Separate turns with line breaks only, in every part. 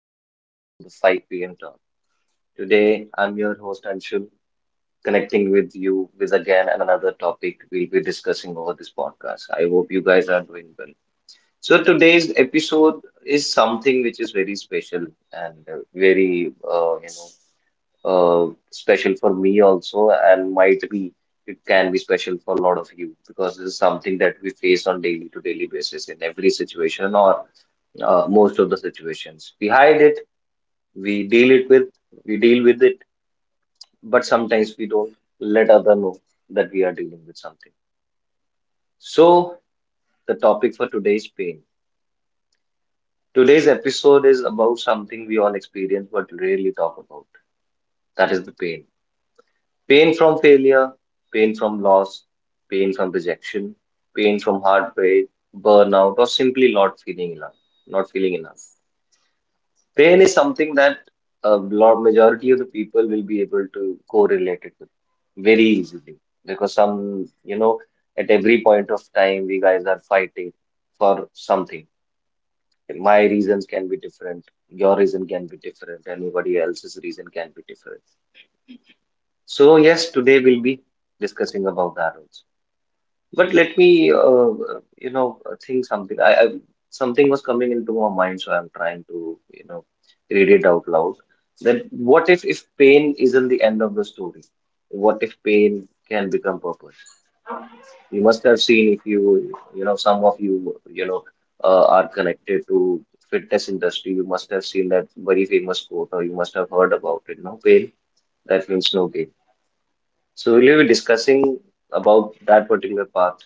welcome back to the 5 p.m. talk. Today I'm your host Anshul, connecting with you with again another topic we'll be discussing over this podcast. I hope you guys are doing well. So today's episode is something which is very special and very special for me also and might be it can be special for a lot of you because this is something that we face on daily to daily basis in every situation or most of the situations. We hide it, we deal it with, we deal with it, but sometimes we don't let other know that we are dealing with something. So the topic for today's pain, today's episode is about something we all experience but rarely talk about. That is the pain, pain from failure, pain from loss, pain from rejection, pain from heartbreak, burnout or simply not feeling enough, not feeling enough. Pain is something that a lot majority of the people will be able to correlate it with very easily because some, at every point of time we guys are fighting for something. My reasons can be different, your reason can be different, anybody else's reason can be different. So yes, today we'll be discussing about that also. But let me, you know, think something. I something was coming into my mind, so I'm trying to, read it out loud. That what if pain isn't the end of the story? What if pain can become purpose? You must have seen if you, some of you, are connected to fitness industry. You must have seen that very famous quote, or you must have heard about it. No pain, that means no gain. So we'll be discussing about that particular part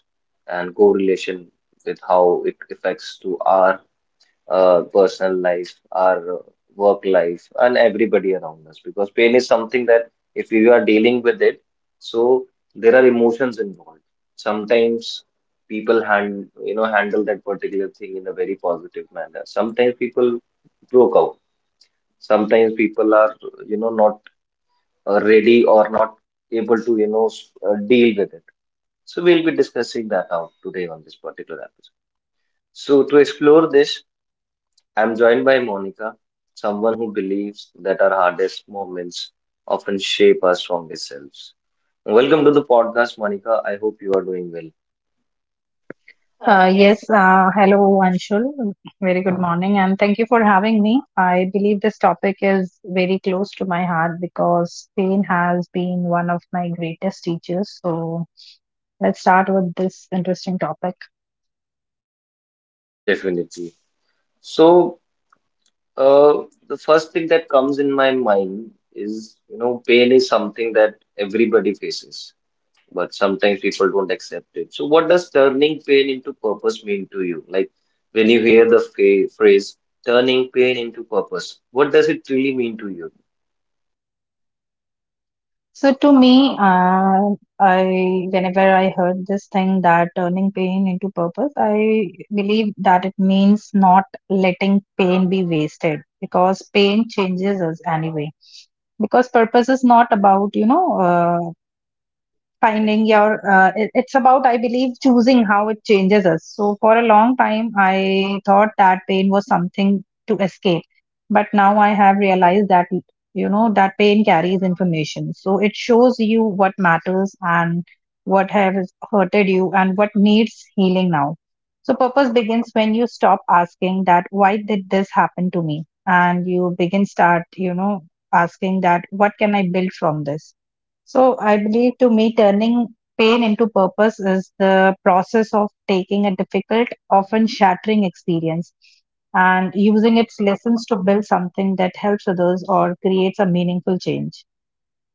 and correlation with how it affects to our personal life, our work life, and everybody around us. Because pain is something that if you are dealing with it, so there are emotions involved. Sometimes people hand handle that particular thing in a very positive manner. Sometimes people broke out. Sometimes people are not ready or not able to deal with it. So we'll be discussing that out today on this particular episode. So to explore this, I'm joined by Monica, someone who believes that our hardest moments often shape our strongest selves. Welcome to the podcast, Monica. I hope you are doing well. Uh, yes.
Yes, hello Anshul. Very good morning, and thank you for having me. I believe this topic is very close to my heart because pain has been one of my greatest teachers. So let's start with this interesting topic.
Definitely. So, uh, the first thing that comes in my mind is, you know, pain is something that everybody faces, but sometimes people don't accept it. So, what does turning pain into purpose mean to you? Like when you hear the phrase turning pain into purpose, what does it really mean to you?
So to me, I whenever I heard this thing that turning pain into purpose, I believe that it means not letting pain be wasted because pain changes us anyway because purpose is not about finding your it's about I believe choosing how it changes us. So for a long time I thought that pain was something to escape, but now I have realized that, you know, that pain carries information. So it shows you what matters and what has hurted you and what needs healing now. So purpose begins when you stop asking that why did this happen to me, and you begin start, you know, asking that what can I build from this. So I believe to me, turning pain into purpose is the process of taking a difficult, often shattering experience and using its lessons to build something that helps others or creates a meaningful change.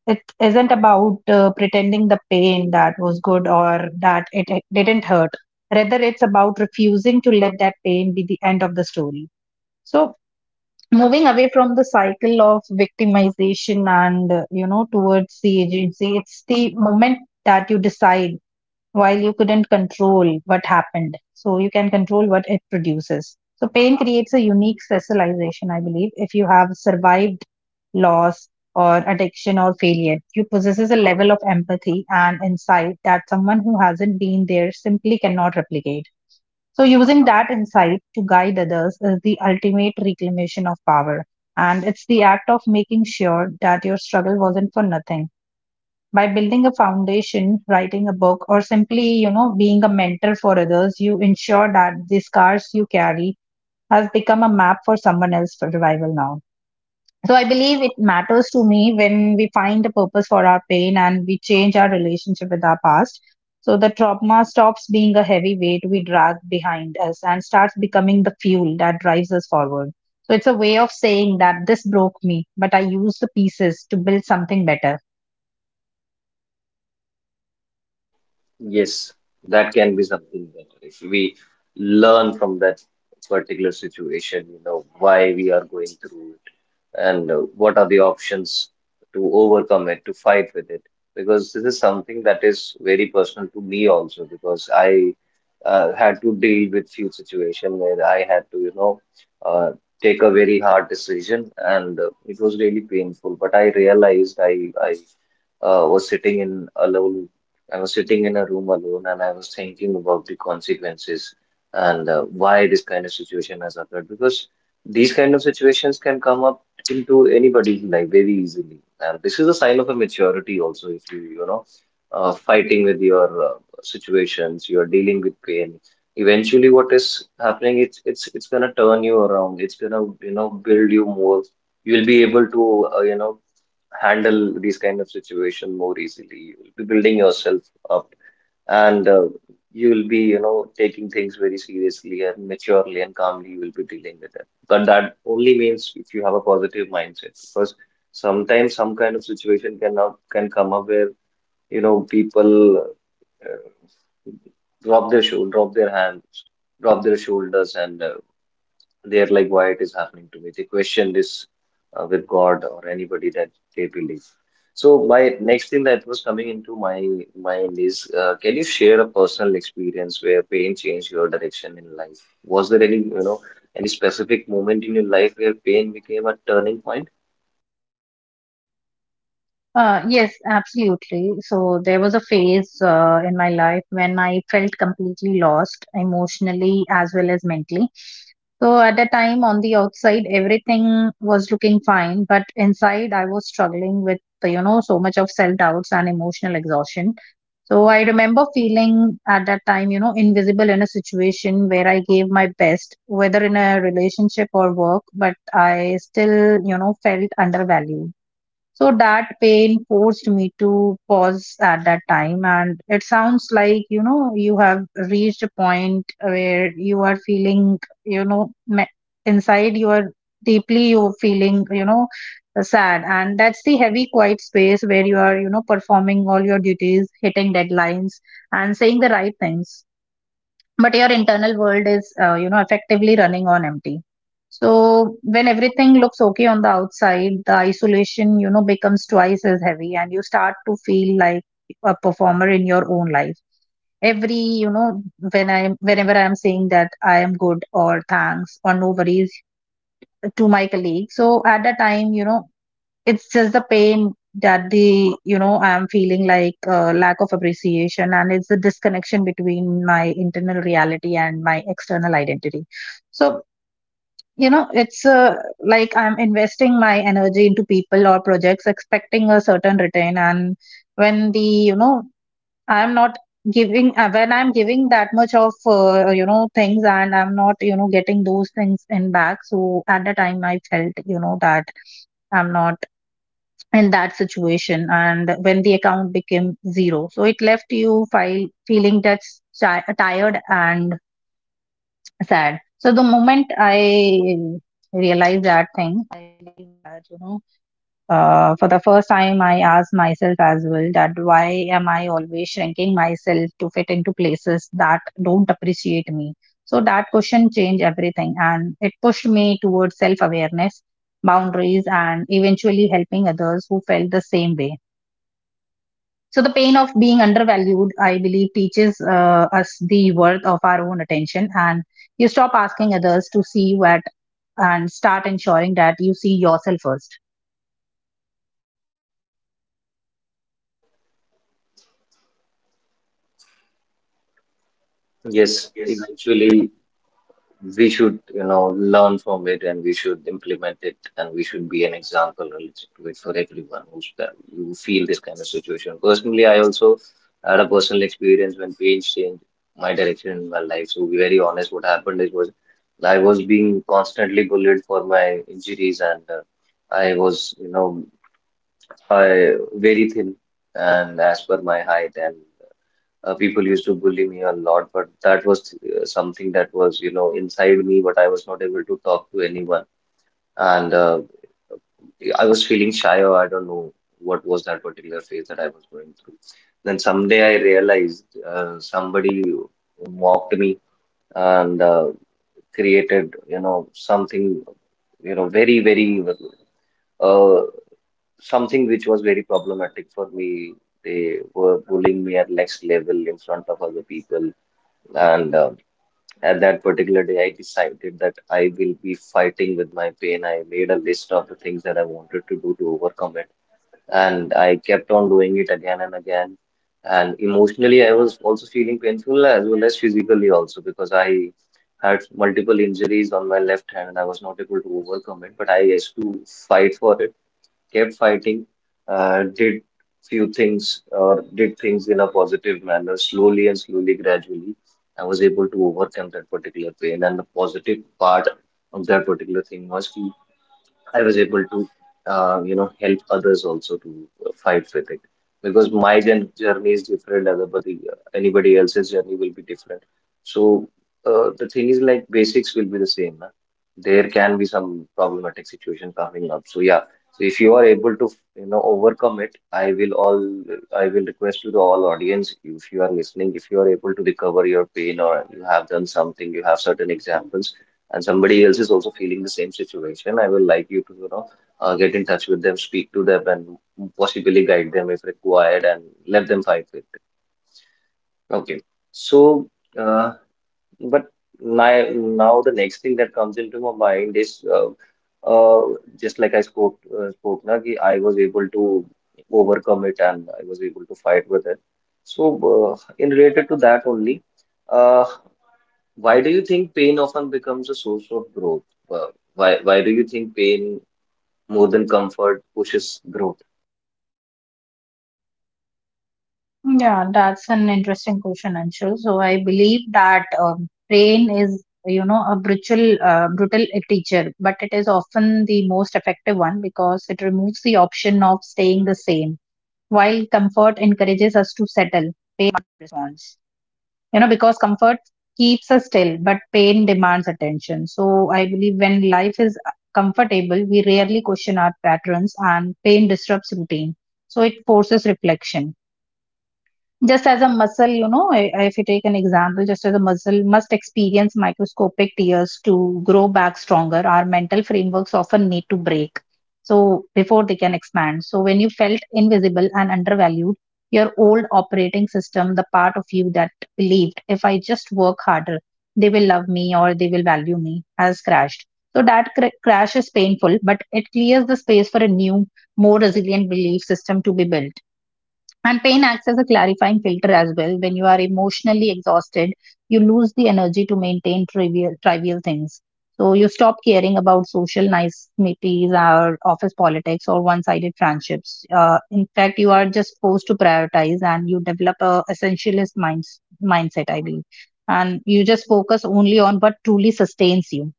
It isn't about pretending the pain that was good or that it didn't hurt. Rather, it's about refusing to let that pain be the end of the story. So, moving away from the cycle of victimization and, you know, towards the agency, it's the moment that you decide while you couldn't control what happened, so you can control what it produces. So pain creates a unique specialization, I believe. If you have survived loss or addiction or failure, you possesses a level of empathy and insight that someone who hasn't been there simply cannot replicate. So, using that insight to guide others is the ultimate reclamation of power. And it's the act of making sure that your struggle wasn't for nothing. By building a foundation, writing a book, or simply, you know, being a mentor for others, you ensure that the scars you carry has become a map for someone else for revival now. So I believe it matters to me when we find a purpose for our pain and we change our relationship with our past. So the trauma stops being a heavy weight we drag behind us and starts becoming the fuel that drives us forward. So it's a way of saying that this broke me, but I used the pieces to build something better.
Yes, that can be something better if we learn from that particular situation, you know, why we are going through it and what are the options to overcome it, to fight with it. Because this is something that is very personal to me also, because I had to deal with few situations where I had to, you know, uh, take a very hard decision and it was really painful. But I realized I was sitting in a level I was sitting in a room alone and I was thinking about the consequences and why this kind of situation has occurred, because these kind of situations can come up into anybody's life very easily. And this is a sign of a maturity also if you, you know, fighting with your situations, you're dealing with pain. Eventually what is happening, it's gonna turn you around. It's gonna, you know, build you more. You'll be able to, you know, handle these kind of situation more easily. You will be building yourself up, and you will be, you know, taking things very seriously and maturely and calmly. You will be dealing with it. But that only means if you have a positive mindset, because sometimes some kind of situation can come up where you know people uh, drop their hands, drop their shoulders, and they're like, why it is happening to me? They question this with God or anybody that they believe. So my next thing that was coming into my mind is, can you share a personal experience where pain changed your direction in life? Was there any, you know, any specific moment in your life where pain became a turning point?
Yes, absolutely. So there was a phase in my life when I felt completely lost emotionally as well as mentally. So at that time, on the outside, everything was looking fine, but inside, I was struggling with, you know, so much of self doubts and emotional exhaustion. So I remember feeling at that time, you know, invisible in a situation where I gave my best, whether in a relationship or work, but I still, you know, felt undervalued. So that pain forced me to pause at that time. And it sounds like, you know, you have reached a point where you are feeling, you know, inside you are deeply you're feeling, you know, sad. And that's the heavy, quiet space where you are, you know, performing all your duties, hitting deadlines, and saying the right things, but your internal world is, you know, effectively running on empty. So when everything looks okay on the outside, the isolation, you know, becomes twice as heavy, and you start to feel like a performer in your own life. Every, you know, when i whenever I am saying that I am good or thanks or no worries to my colleague, so at that time, you know, it's just the pain that, the, you know, I'm feeling like, lack of appreciation, and it's the disconnection between my internal reality and my external identity. So, you know, it's, like I'm investing my energy into people or projects, expecting a certain return, and when the, you know, I'm not giving, when I'm giving that much of, you know, things and I'm not, you know, getting those things in back, so at the time I felt, you know, that I'm not in that situation. And when the account became zero, so it left you file feeling that's tired and sad. So the moment I realized that thing, I realized, you know, for the first time I asked myself as well that why am I always shrinking myself to fit into places that don't appreciate me. So that question changed everything and it pushed me towards self awareness, boundaries, and eventually helping others who felt the same way. So the pain of being undervalued, I believe, teaches us the worth of our own attention, and you stop asking others to see you at, and start ensuring that you see yourself first.
Yes, eventually we should you know learn from it and we should implement it and we should be an example related to it for everyone who's that who feel this kind of situation. Personally I also had a personal experience when page changed my direction in my life. So to be very honest, what happened is was I was being constantly bullied for my injuries and I was you know I very thin and as per my height and people used to bully me a lot but that was something that was you know inside me but I was not able to talk to anyone and I was feeling shy or I don't know what was that particular phase that I was going through. Then someday I realized somebody mocked me and created you know something, very very uh, something which was very problematic for me. They were bullying me at next level in front of other people, and at that particular day, I decided that I will be fighting with my pain. I made a list of the things that I wanted to do to overcome it, and I kept on doing it again and again. And emotionally, I was also feeling painful as well as physically also, because I had multiple injuries on my left hand and I was not able to overcome it. But I used to fight for it, kept fighting, uh, did did things in a positive manner, slowly and slowly, gradually. I was able to overcome that particular pain, and the positive part of that particular thing was ki I was able to, you know, help others also to fight with it, because my journey is different. Anybody else's journey will be different. So the thing is, like basics will be the same. Na? There can be some problematic situation coming up. So yeah, so if you are able to, you know, overcome it, I will request to the all audience, if you are listening, if you are able to recover your pain or you have done something, you have certain examples and somebody else is also feeling the same situation, I will like you to, you know, get in touch with them, speak to them, and possibly guide them if required, and let them fight with it. Okay. So, uh, but my, now the next thing that comes into my mind is uh, just like I spoke na, ki I was able to overcome it and I was able to fight with it. So, in related to that only. uh, why do you think pain often becomes a source of growth? Uh, why do you think pain more than comfort pushes growth?
Yeah, that's an interesting question, Anshul. So I believe that pain is, you know, a brutal, brutal teacher, but it is often the most effective one because it removes the option of staying the same, while comfort encourages us to settle. Pain response. You know, because comfort keeps us still, but pain demands attention. So I believe when life is comfortable, we rarely question our patterns, and pain disrupts routine. So it forces reflection. Just as a muscle, you know, if you take an example, just as a muscle must experience microscopic tears to grow back stronger, our mental frameworks often need to break. So, before they can expand. So, when you felt invisible and undervalued, your old operating system, the part of you that believed, if I just work harder, they will love me or they will value me, has crashed. So, that crash is painful, but it clears the space for a new, more resilient belief system to be built. And pain acts as a clarifying filter as well. When you are emotionally exhausted, you lose the energy to maintain trivial, trivial things. So you stop caring about social niceties or office politics or one-sided friendships. In fact, you are just forced to prioritize and you develop a essentialist minds, mindset, I believe. And you just focus only on what truly sustains you.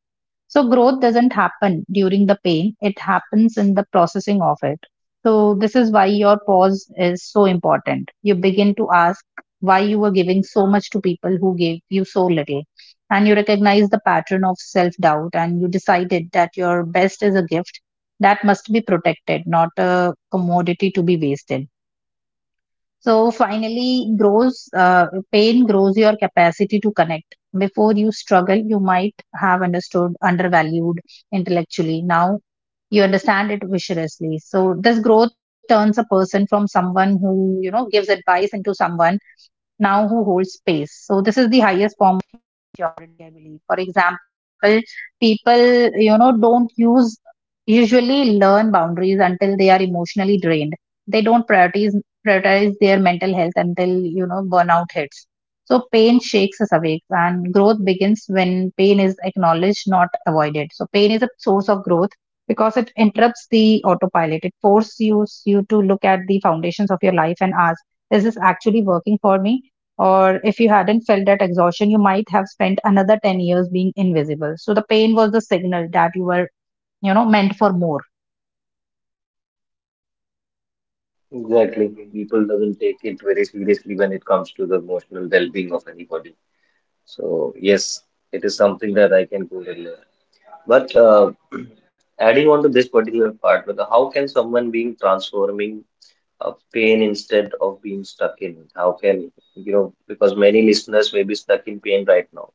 So growth doesn't happen during the pain, it happens in the processing of it. So this is why your pause is so important. You begin to ask why you were giving so much to people who gave you so little. And you recognize the pattern of self doubt and you decided that your best is a gift that must be protected, not a commodity to be wasted. So finally, grows pain grows your capacity to connect. Before you struggle, you might have understood undervalued intellectually. Now you understand it viciously. So this growth turns a person from someone who, you know, gives advice into someone now who holds space. So this is the highest form of maturity, I believe. For example, people, you know, don't use usually learn boundaries until they are emotionally drained. They don't prioritize their mental health until, you know, burnout hits. So pain shakes us awake, and growth begins when pain is acknowledged, not avoided. So pain is a source of growth because it interrupts the autopilot. It forces you to look at the foundations of your life and ask, is this actually working for me? Or if you hadn't felt that exhaustion, you might have spent another 10 years being invisible. So the pain was the signal that you were, you know, meant for more.
Exactly. People doesn't take it very seriously when it comes to the emotional well-being of anybody. So yes, it is something that I can go relate. But adding on to this particular part, but how can someone being transforming a pain instead of being stuck in it? How can you know? Because many listeners may be stuck in pain right now.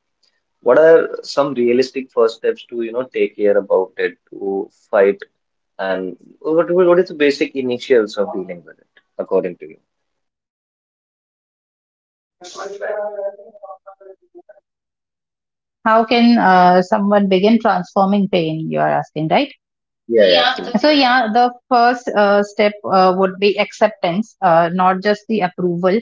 What are some realistic first steps to, you know, take care about it to fight, and what is the basic initials of dealing with it, according to you?
How can someone begin transforming pain? You are asking, right?
Yeah, yeah, yeah, absolutely.
So, yeah, the first step would be acceptance, not just the approval.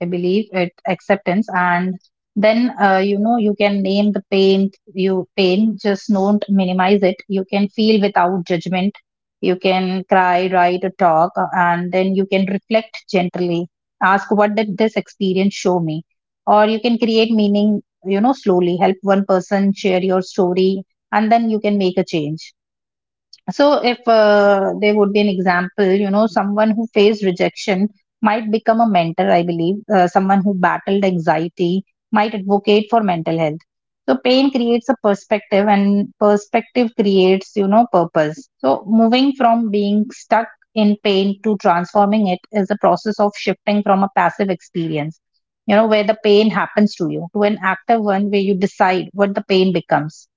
I believe it acceptance, and then, you know, you can name the pain. You pain just don't minimize it. You can feel without judgment. You can cry, write, or talk, and then you can reflect gently, ask what did this experience show me, or you can create meaning, you know, slowly help one person share your story, and then you can make a change. So, if there would be an example, you know, someone who faced rejection might become a mentor, I believe. Someone who battled anxiety might advocate for mental health. So, pain creates a perspective, and perspective creates, you know, purpose. So, moving from being stuck in pain to transforming it is a process of shifting from a passive experience, you know, where the pain happens to you, to an active one where you decide what the pain becomes.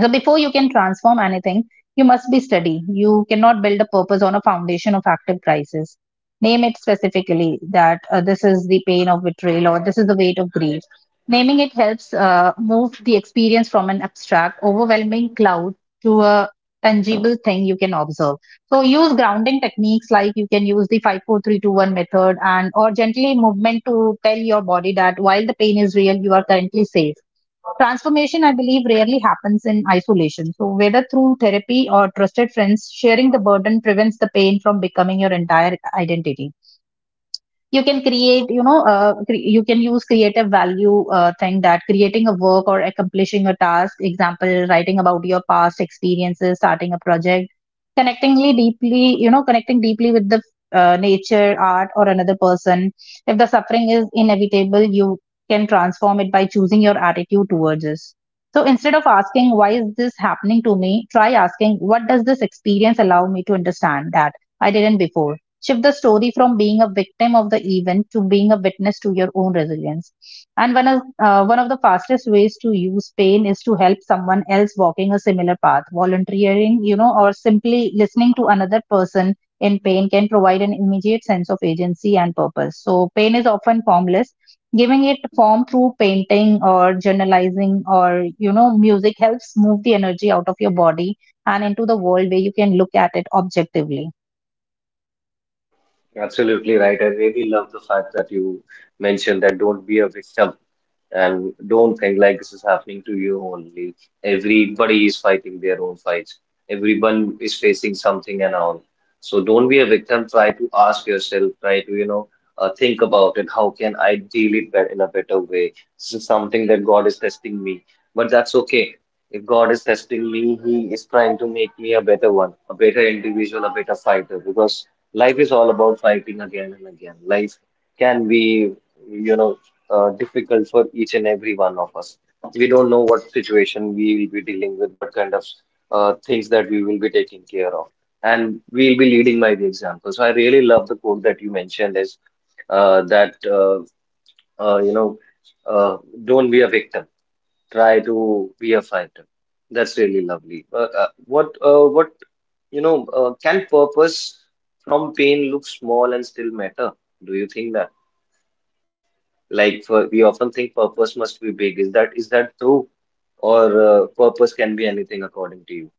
So before you can transform anything, you must be steady. You cannot build a purpose on a foundation of active crisis. Name it specifically that this is the pain of betrayal or this is the weight of grief. Naming it helps move the experience from an abstract, overwhelming cloud to a tangible thing you can observe. So use grounding techniques like you can use the 54321 method and or gently movement to tell your body that while the pain is real, you are currently safe. Transformation, I believe, rarely happens in isolation. So, whether through therapy or trusted friends, sharing the burden prevents the pain from becoming your entire identity. You can create, you can use creative value, thing that creating a work or accomplishing a task, example writing about your past experiences, starting a project, connecting deeply with the nature, art, or another person. If the suffering is inevitable, you can transform it by choosing your attitude towards it. So instead of asking why is this happening to me, try asking what does this experience allow me to understand that I didn't before. Shift the story from being a victim of the event to being a witness to your own resilience. And one of the fastest ways to use pain is to help someone else walking a similar path. Volunteering, you know, or simply listening to another person in pain can provide an immediate sense of agency and purpose. So, pain is often formless. Giving it form through painting or journalizing or, you know, music helps move the energy out of your body and into the world where you can look at it objectively.
Absolutely right. I really love the fact that you mentioned that don't be a victim and don't think like this is happening to you only. Everybody is fighting their own fights. Everyone is facing something and all. So don't be a victim. Try to ask yourself. Try to, you know, think about it. How can I deal it bet in a better way? This is something that God is testing me, but that's okay. If God is testing me, He is trying to make me a better one, a better individual, a better fighter. Because life is all about fighting again and again. Life can be, you know, difficult for each and every one of us. We don't know what situation we will be dealing with, what kind of things that we will be taking care of, and we'll be leading by the example. So I really love the quote that you mentioned is that you know uh, don't be a victim, try to be a fighter. That's really lovely. What can purpose from pain look small and still matter? Do you think we often think purpose must be big. Is that true, or purpose can be anything according to you?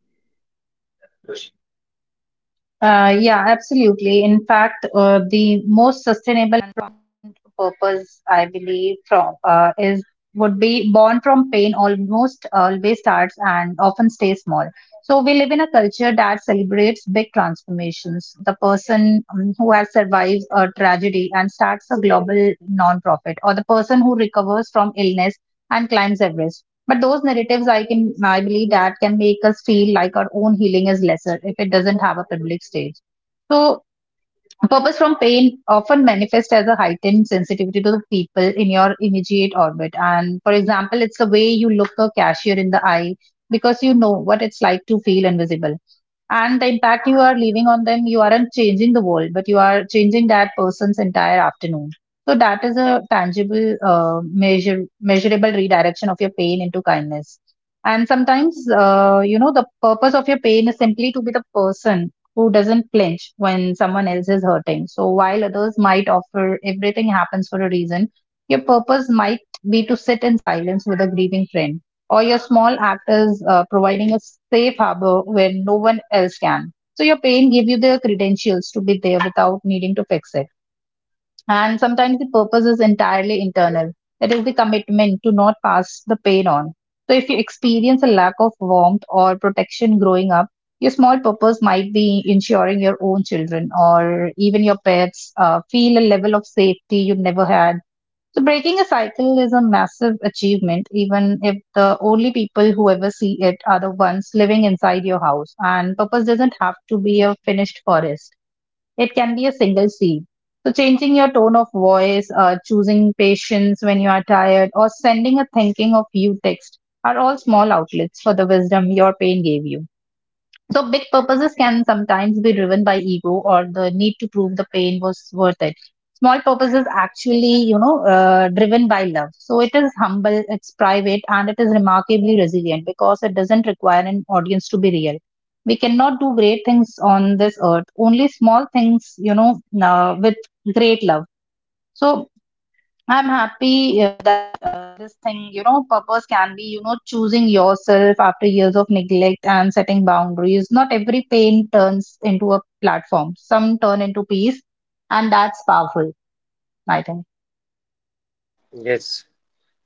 Yeah, absolutely. In fact, the most sustainable and purpose I believe from is would be born from pain almost always starts and often stays small. So we live in a culture that celebrates big transformations. The person, who has survived a tragedy and starts a global nonprofit, or the person who recovers from illness and climbs Everest. But those narratives, I believe, that can make us feel like our own healing is lesser if it doesn't have a public stage. So, purpose from pain often manifests as a heightened sensitivity to the people in your immediate orbit. And for example, it's the way you look a cashier in the eye because you know what it's like to feel invisible, and the impact you are leaving on them. You aren't changing the world, but you are changing that person's entire afternoon. So that is a tangible, measure measurable redirection of your pain into kindness. And sometimes, you know, the purpose of your pain is simply to be the person who doesn't flinch when someone else is hurting. So while others might offer everything happens for a reason, your purpose might be to sit in silence with a grieving friend, or your small act is providing a safe harbor where no one else can. So your pain gave you the credentials to be there without needing to fix it. And sometimes the purpose is entirely internal. That is the commitment to not pass the pain on. So if you experience a lack of warmth or protection growing up, your small purpose might be ensuring your own children or even your pets feel a level of safety you never had. So breaking a cycle is a massive achievement, even if the only people who ever see it are the ones living inside your house. And purpose doesn't have to be a finished forest. It can be a single seed. So changing your tone of voice, choosing patience when you are tired, or sending a thinking of you text are all small outlets for the wisdom your pain gave you. So big purposes can sometimes be driven by ego or the need to prove the pain was worth it. Small purposes actually, you know, driven by love. So it is humble, it's private, and it is remarkably resilient because it doesn't require an audience to be real. We cannot do great things on this earth. Only small things, you know, with great love. So I'm happy that this thing, you know, purpose can be, you know, choosing yourself after years of neglect and setting boundaries. Not every pain turns into a platform, some turn into peace, and that's powerful, I think.
Yes,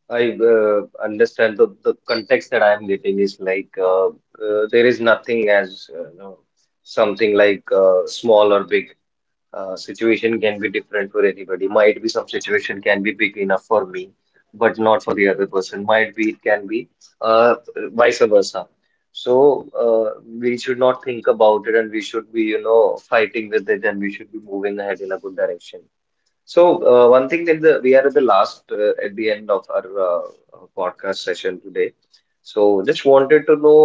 I understand the context that I am getting is like there is nothing as something like small or big. Situation can be different for anybody. Might be some situation can be big enough for me, but not for the other person. Might be it can be uh, vice versa. So we should not think about it, and we should be, you know, fighting with it, and we should be moving ahead in a good direction. So, one thing that we are at the last at the end of our podcast session today. So, just wanted to know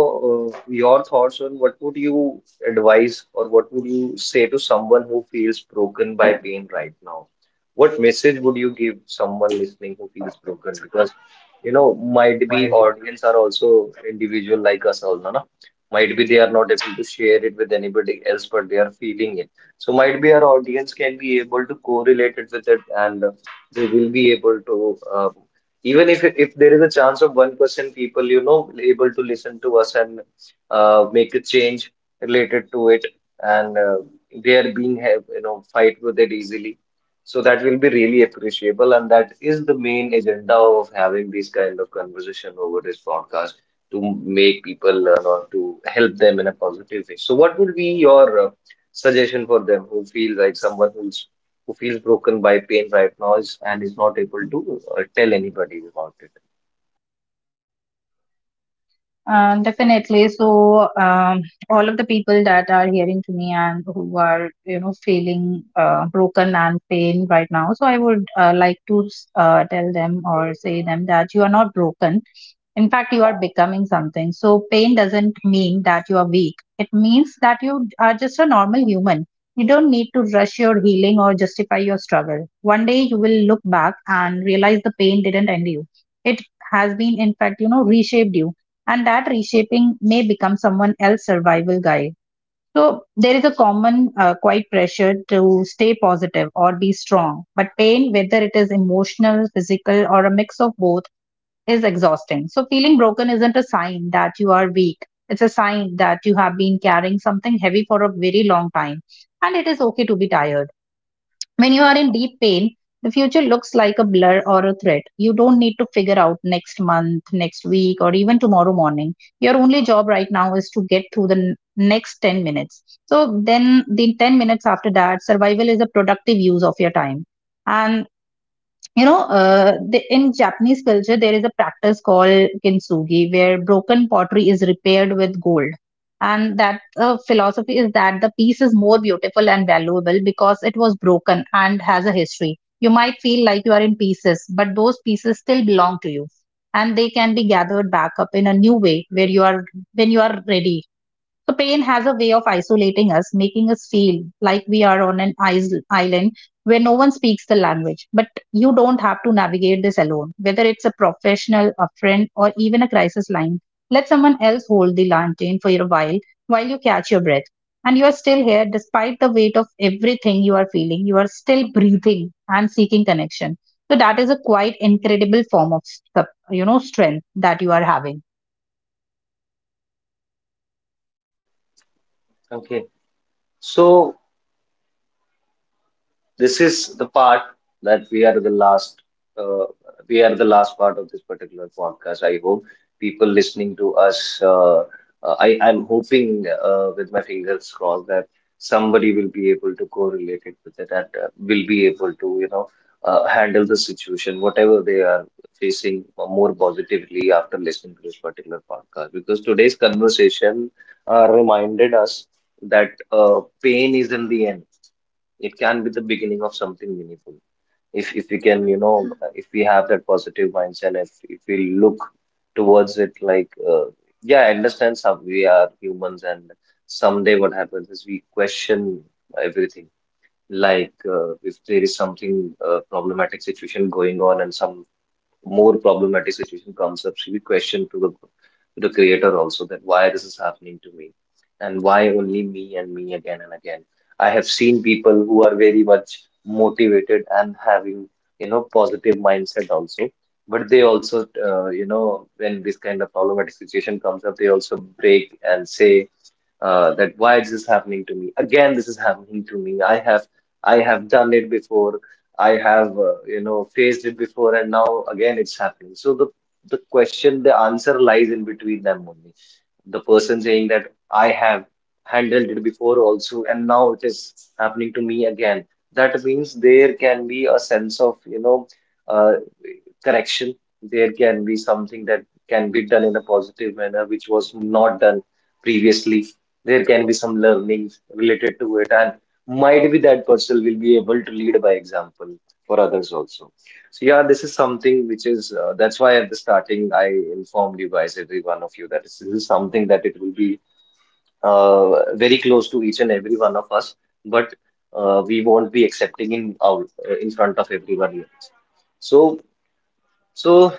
your thoughts on what would you advise or what would you say to someone who feels broken by pain right now? What message would you give someone listening who feels broken? Because, you know, might be audience are also individual like us all, no? No? Might be they are not able to share it with anybody else, but they are feeling it. So might be our audience can be able to correlate it with it, and they will be able to even if there is a chance of 1% people you know able to listen to us and make a change related to it, and they are being have you know fight with it easily. So that will be really appreciable, and that is the main agenda of having this kind of conversation over this podcast to make people learn or to help them in a positive way. So, what would be your suggestion for them who feel like someone who's who feels broken by pain right now is, and is not able to tell anybody about it.
Definitely. So, all of the people that are hearing to me and who are, you know, feeling broken and pain right now, so I would like to tell them or say them that you are not broken. In fact, you are becoming something. So, pain doesn't mean that you are weak. It means that you are just a normal human. You don't need to rush your healing or justify your struggle. One day you will look back and realize the pain didn't end you. It has been, in fact, you know, reshaped you. And that reshaping may become someone else's survival guide. So there is a common quite pressure to stay positive or be strong. But pain, whether it is emotional, physical, or a mix of both, is exhausting. So, feeling broken isn't a sign that you are weak. It's a sign that you have been carrying something heavy for a very long time, and it is okay to be tired. When you are in deep pain, the future looks like a blur or a threat. You don't need to figure out next month, next week, or even tomorrow morning. Your only job right now is to get through the next 10 minutes. So, then the 10 minutes after that, survival is a productive use of your time. And you know, in Japanese culture, there is a practice called kintsugi, where broken pottery is repaired with gold. And that philosophy is that the piece is more beautiful and valuable because it was broken and has a history. You might feel like you are in pieces, but those pieces still belong to you, and they can be gathered back up in a new way where you are when you are ready. So pain has a way of isolating us, making us feel like we are on an island where no one speaks the language. But you don't have to navigate this alone. Whether it's a professional, a friend, or even a crisis line, let someone else hold the lantern for a while you catch your breath. And you are still here despite the weight of everything you are feeling. You are still breathing and seeking connection. So that is a quite incredible form of, you know, strength that you are having.
Okay, so this is the part that we are the last uh, we are the last part of this particular podcast. I hope people listening to us uh, I'm hoping with my fingers crossed that somebody will be able to correlate it with it and will be able to you know handle the situation whatever they are facing more positively after listening to this particular podcast, because today's conversation reminded us that pain isn't the end. It can be the beginning of something meaningful, if we can you know, if we have that positive mindset, if we look towards it like yeah, I understand, some, we are humans, and someday what happens is we question everything. Like if there is something problematic situation going on and some more problematic situation comes up, she will question to the creator also that why this is happening to me and why only me and me again and again. I have seen people who are very much motivated and having you know positive mindset also, but they also you know, when this kind of problematic situation comes up, they also break and say that why this is this happening to me again, this is happening to me, I have done it before, I have you know, faced it before and now again it's happening. So the question, the answer lies in between them only. The person saying that I have handled it before also and now it is happening to me again, that means there can be a sense of you know uh, correction. There can be something that can be done in a positive manner, which was not done previously. There can be some learnings related to it, and might be that person will be able to lead by example for others also. So yeah, this is something which is that's why at the starting I informed you guys, every one of you, that this is something that it will be very close to each and every one of us, but we won't be accepting in out in front of everyone else. So so,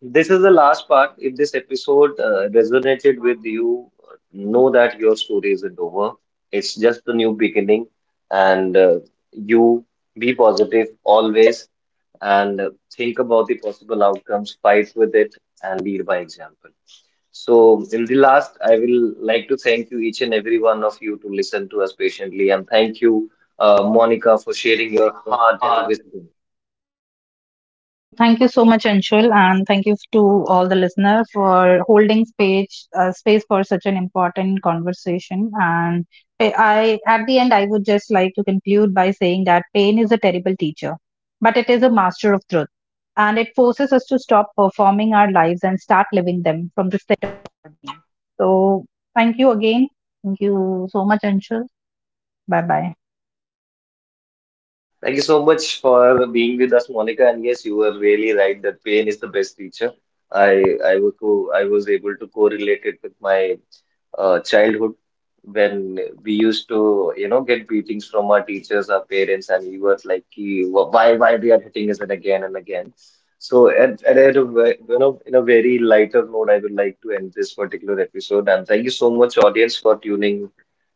this is the last part. If this episode resonated with you, know that your story isn't over. It's just the new beginning, and you be positive always, and think about the possible outcomes, fight with it, and lead by example. So, in the last, I will like to thank you, each and every one of you, to listen to us patiently, and thank you, Monica, for sharing your heart and wisdom.
Thank you so much, Anshul, and thank you to all the listeners for holding space for such an important conversation. And at the end, I would just like to conclude by saying that pain is a terrible teacher, but it is a master of truth, and it forces us to stop performing our lives and start living them from the center. So, thank you again. Thank you so much, Anshul. Bye bye.
Thank you so much for being with us, Monica. And yes, you were really right that pain is the best teacher. I I was co I was able to correlate it with my childhood, when we used to you know get beatings from our teachers, our parents, and we were like, "Ki, why they are hitting us and again and again." So at a you know, in a very lighter note, I would like to end this particular episode. And thank you so much, audience, for tuning,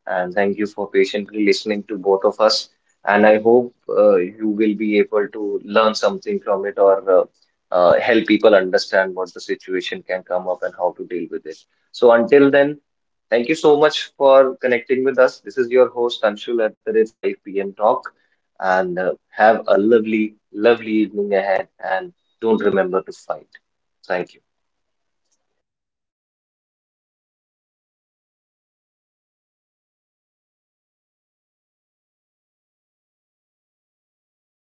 and thank you for patiently listening to both of us, and I hope you will be able to learn something from it, or help people understand what the situation can come up and how to deal with it. So until then, thank you so much for connecting with us. This is your host Anshul at the rate 5 p.m. talk, and have a lovely, lovely evening ahead. And don't remember to fight. Thank you.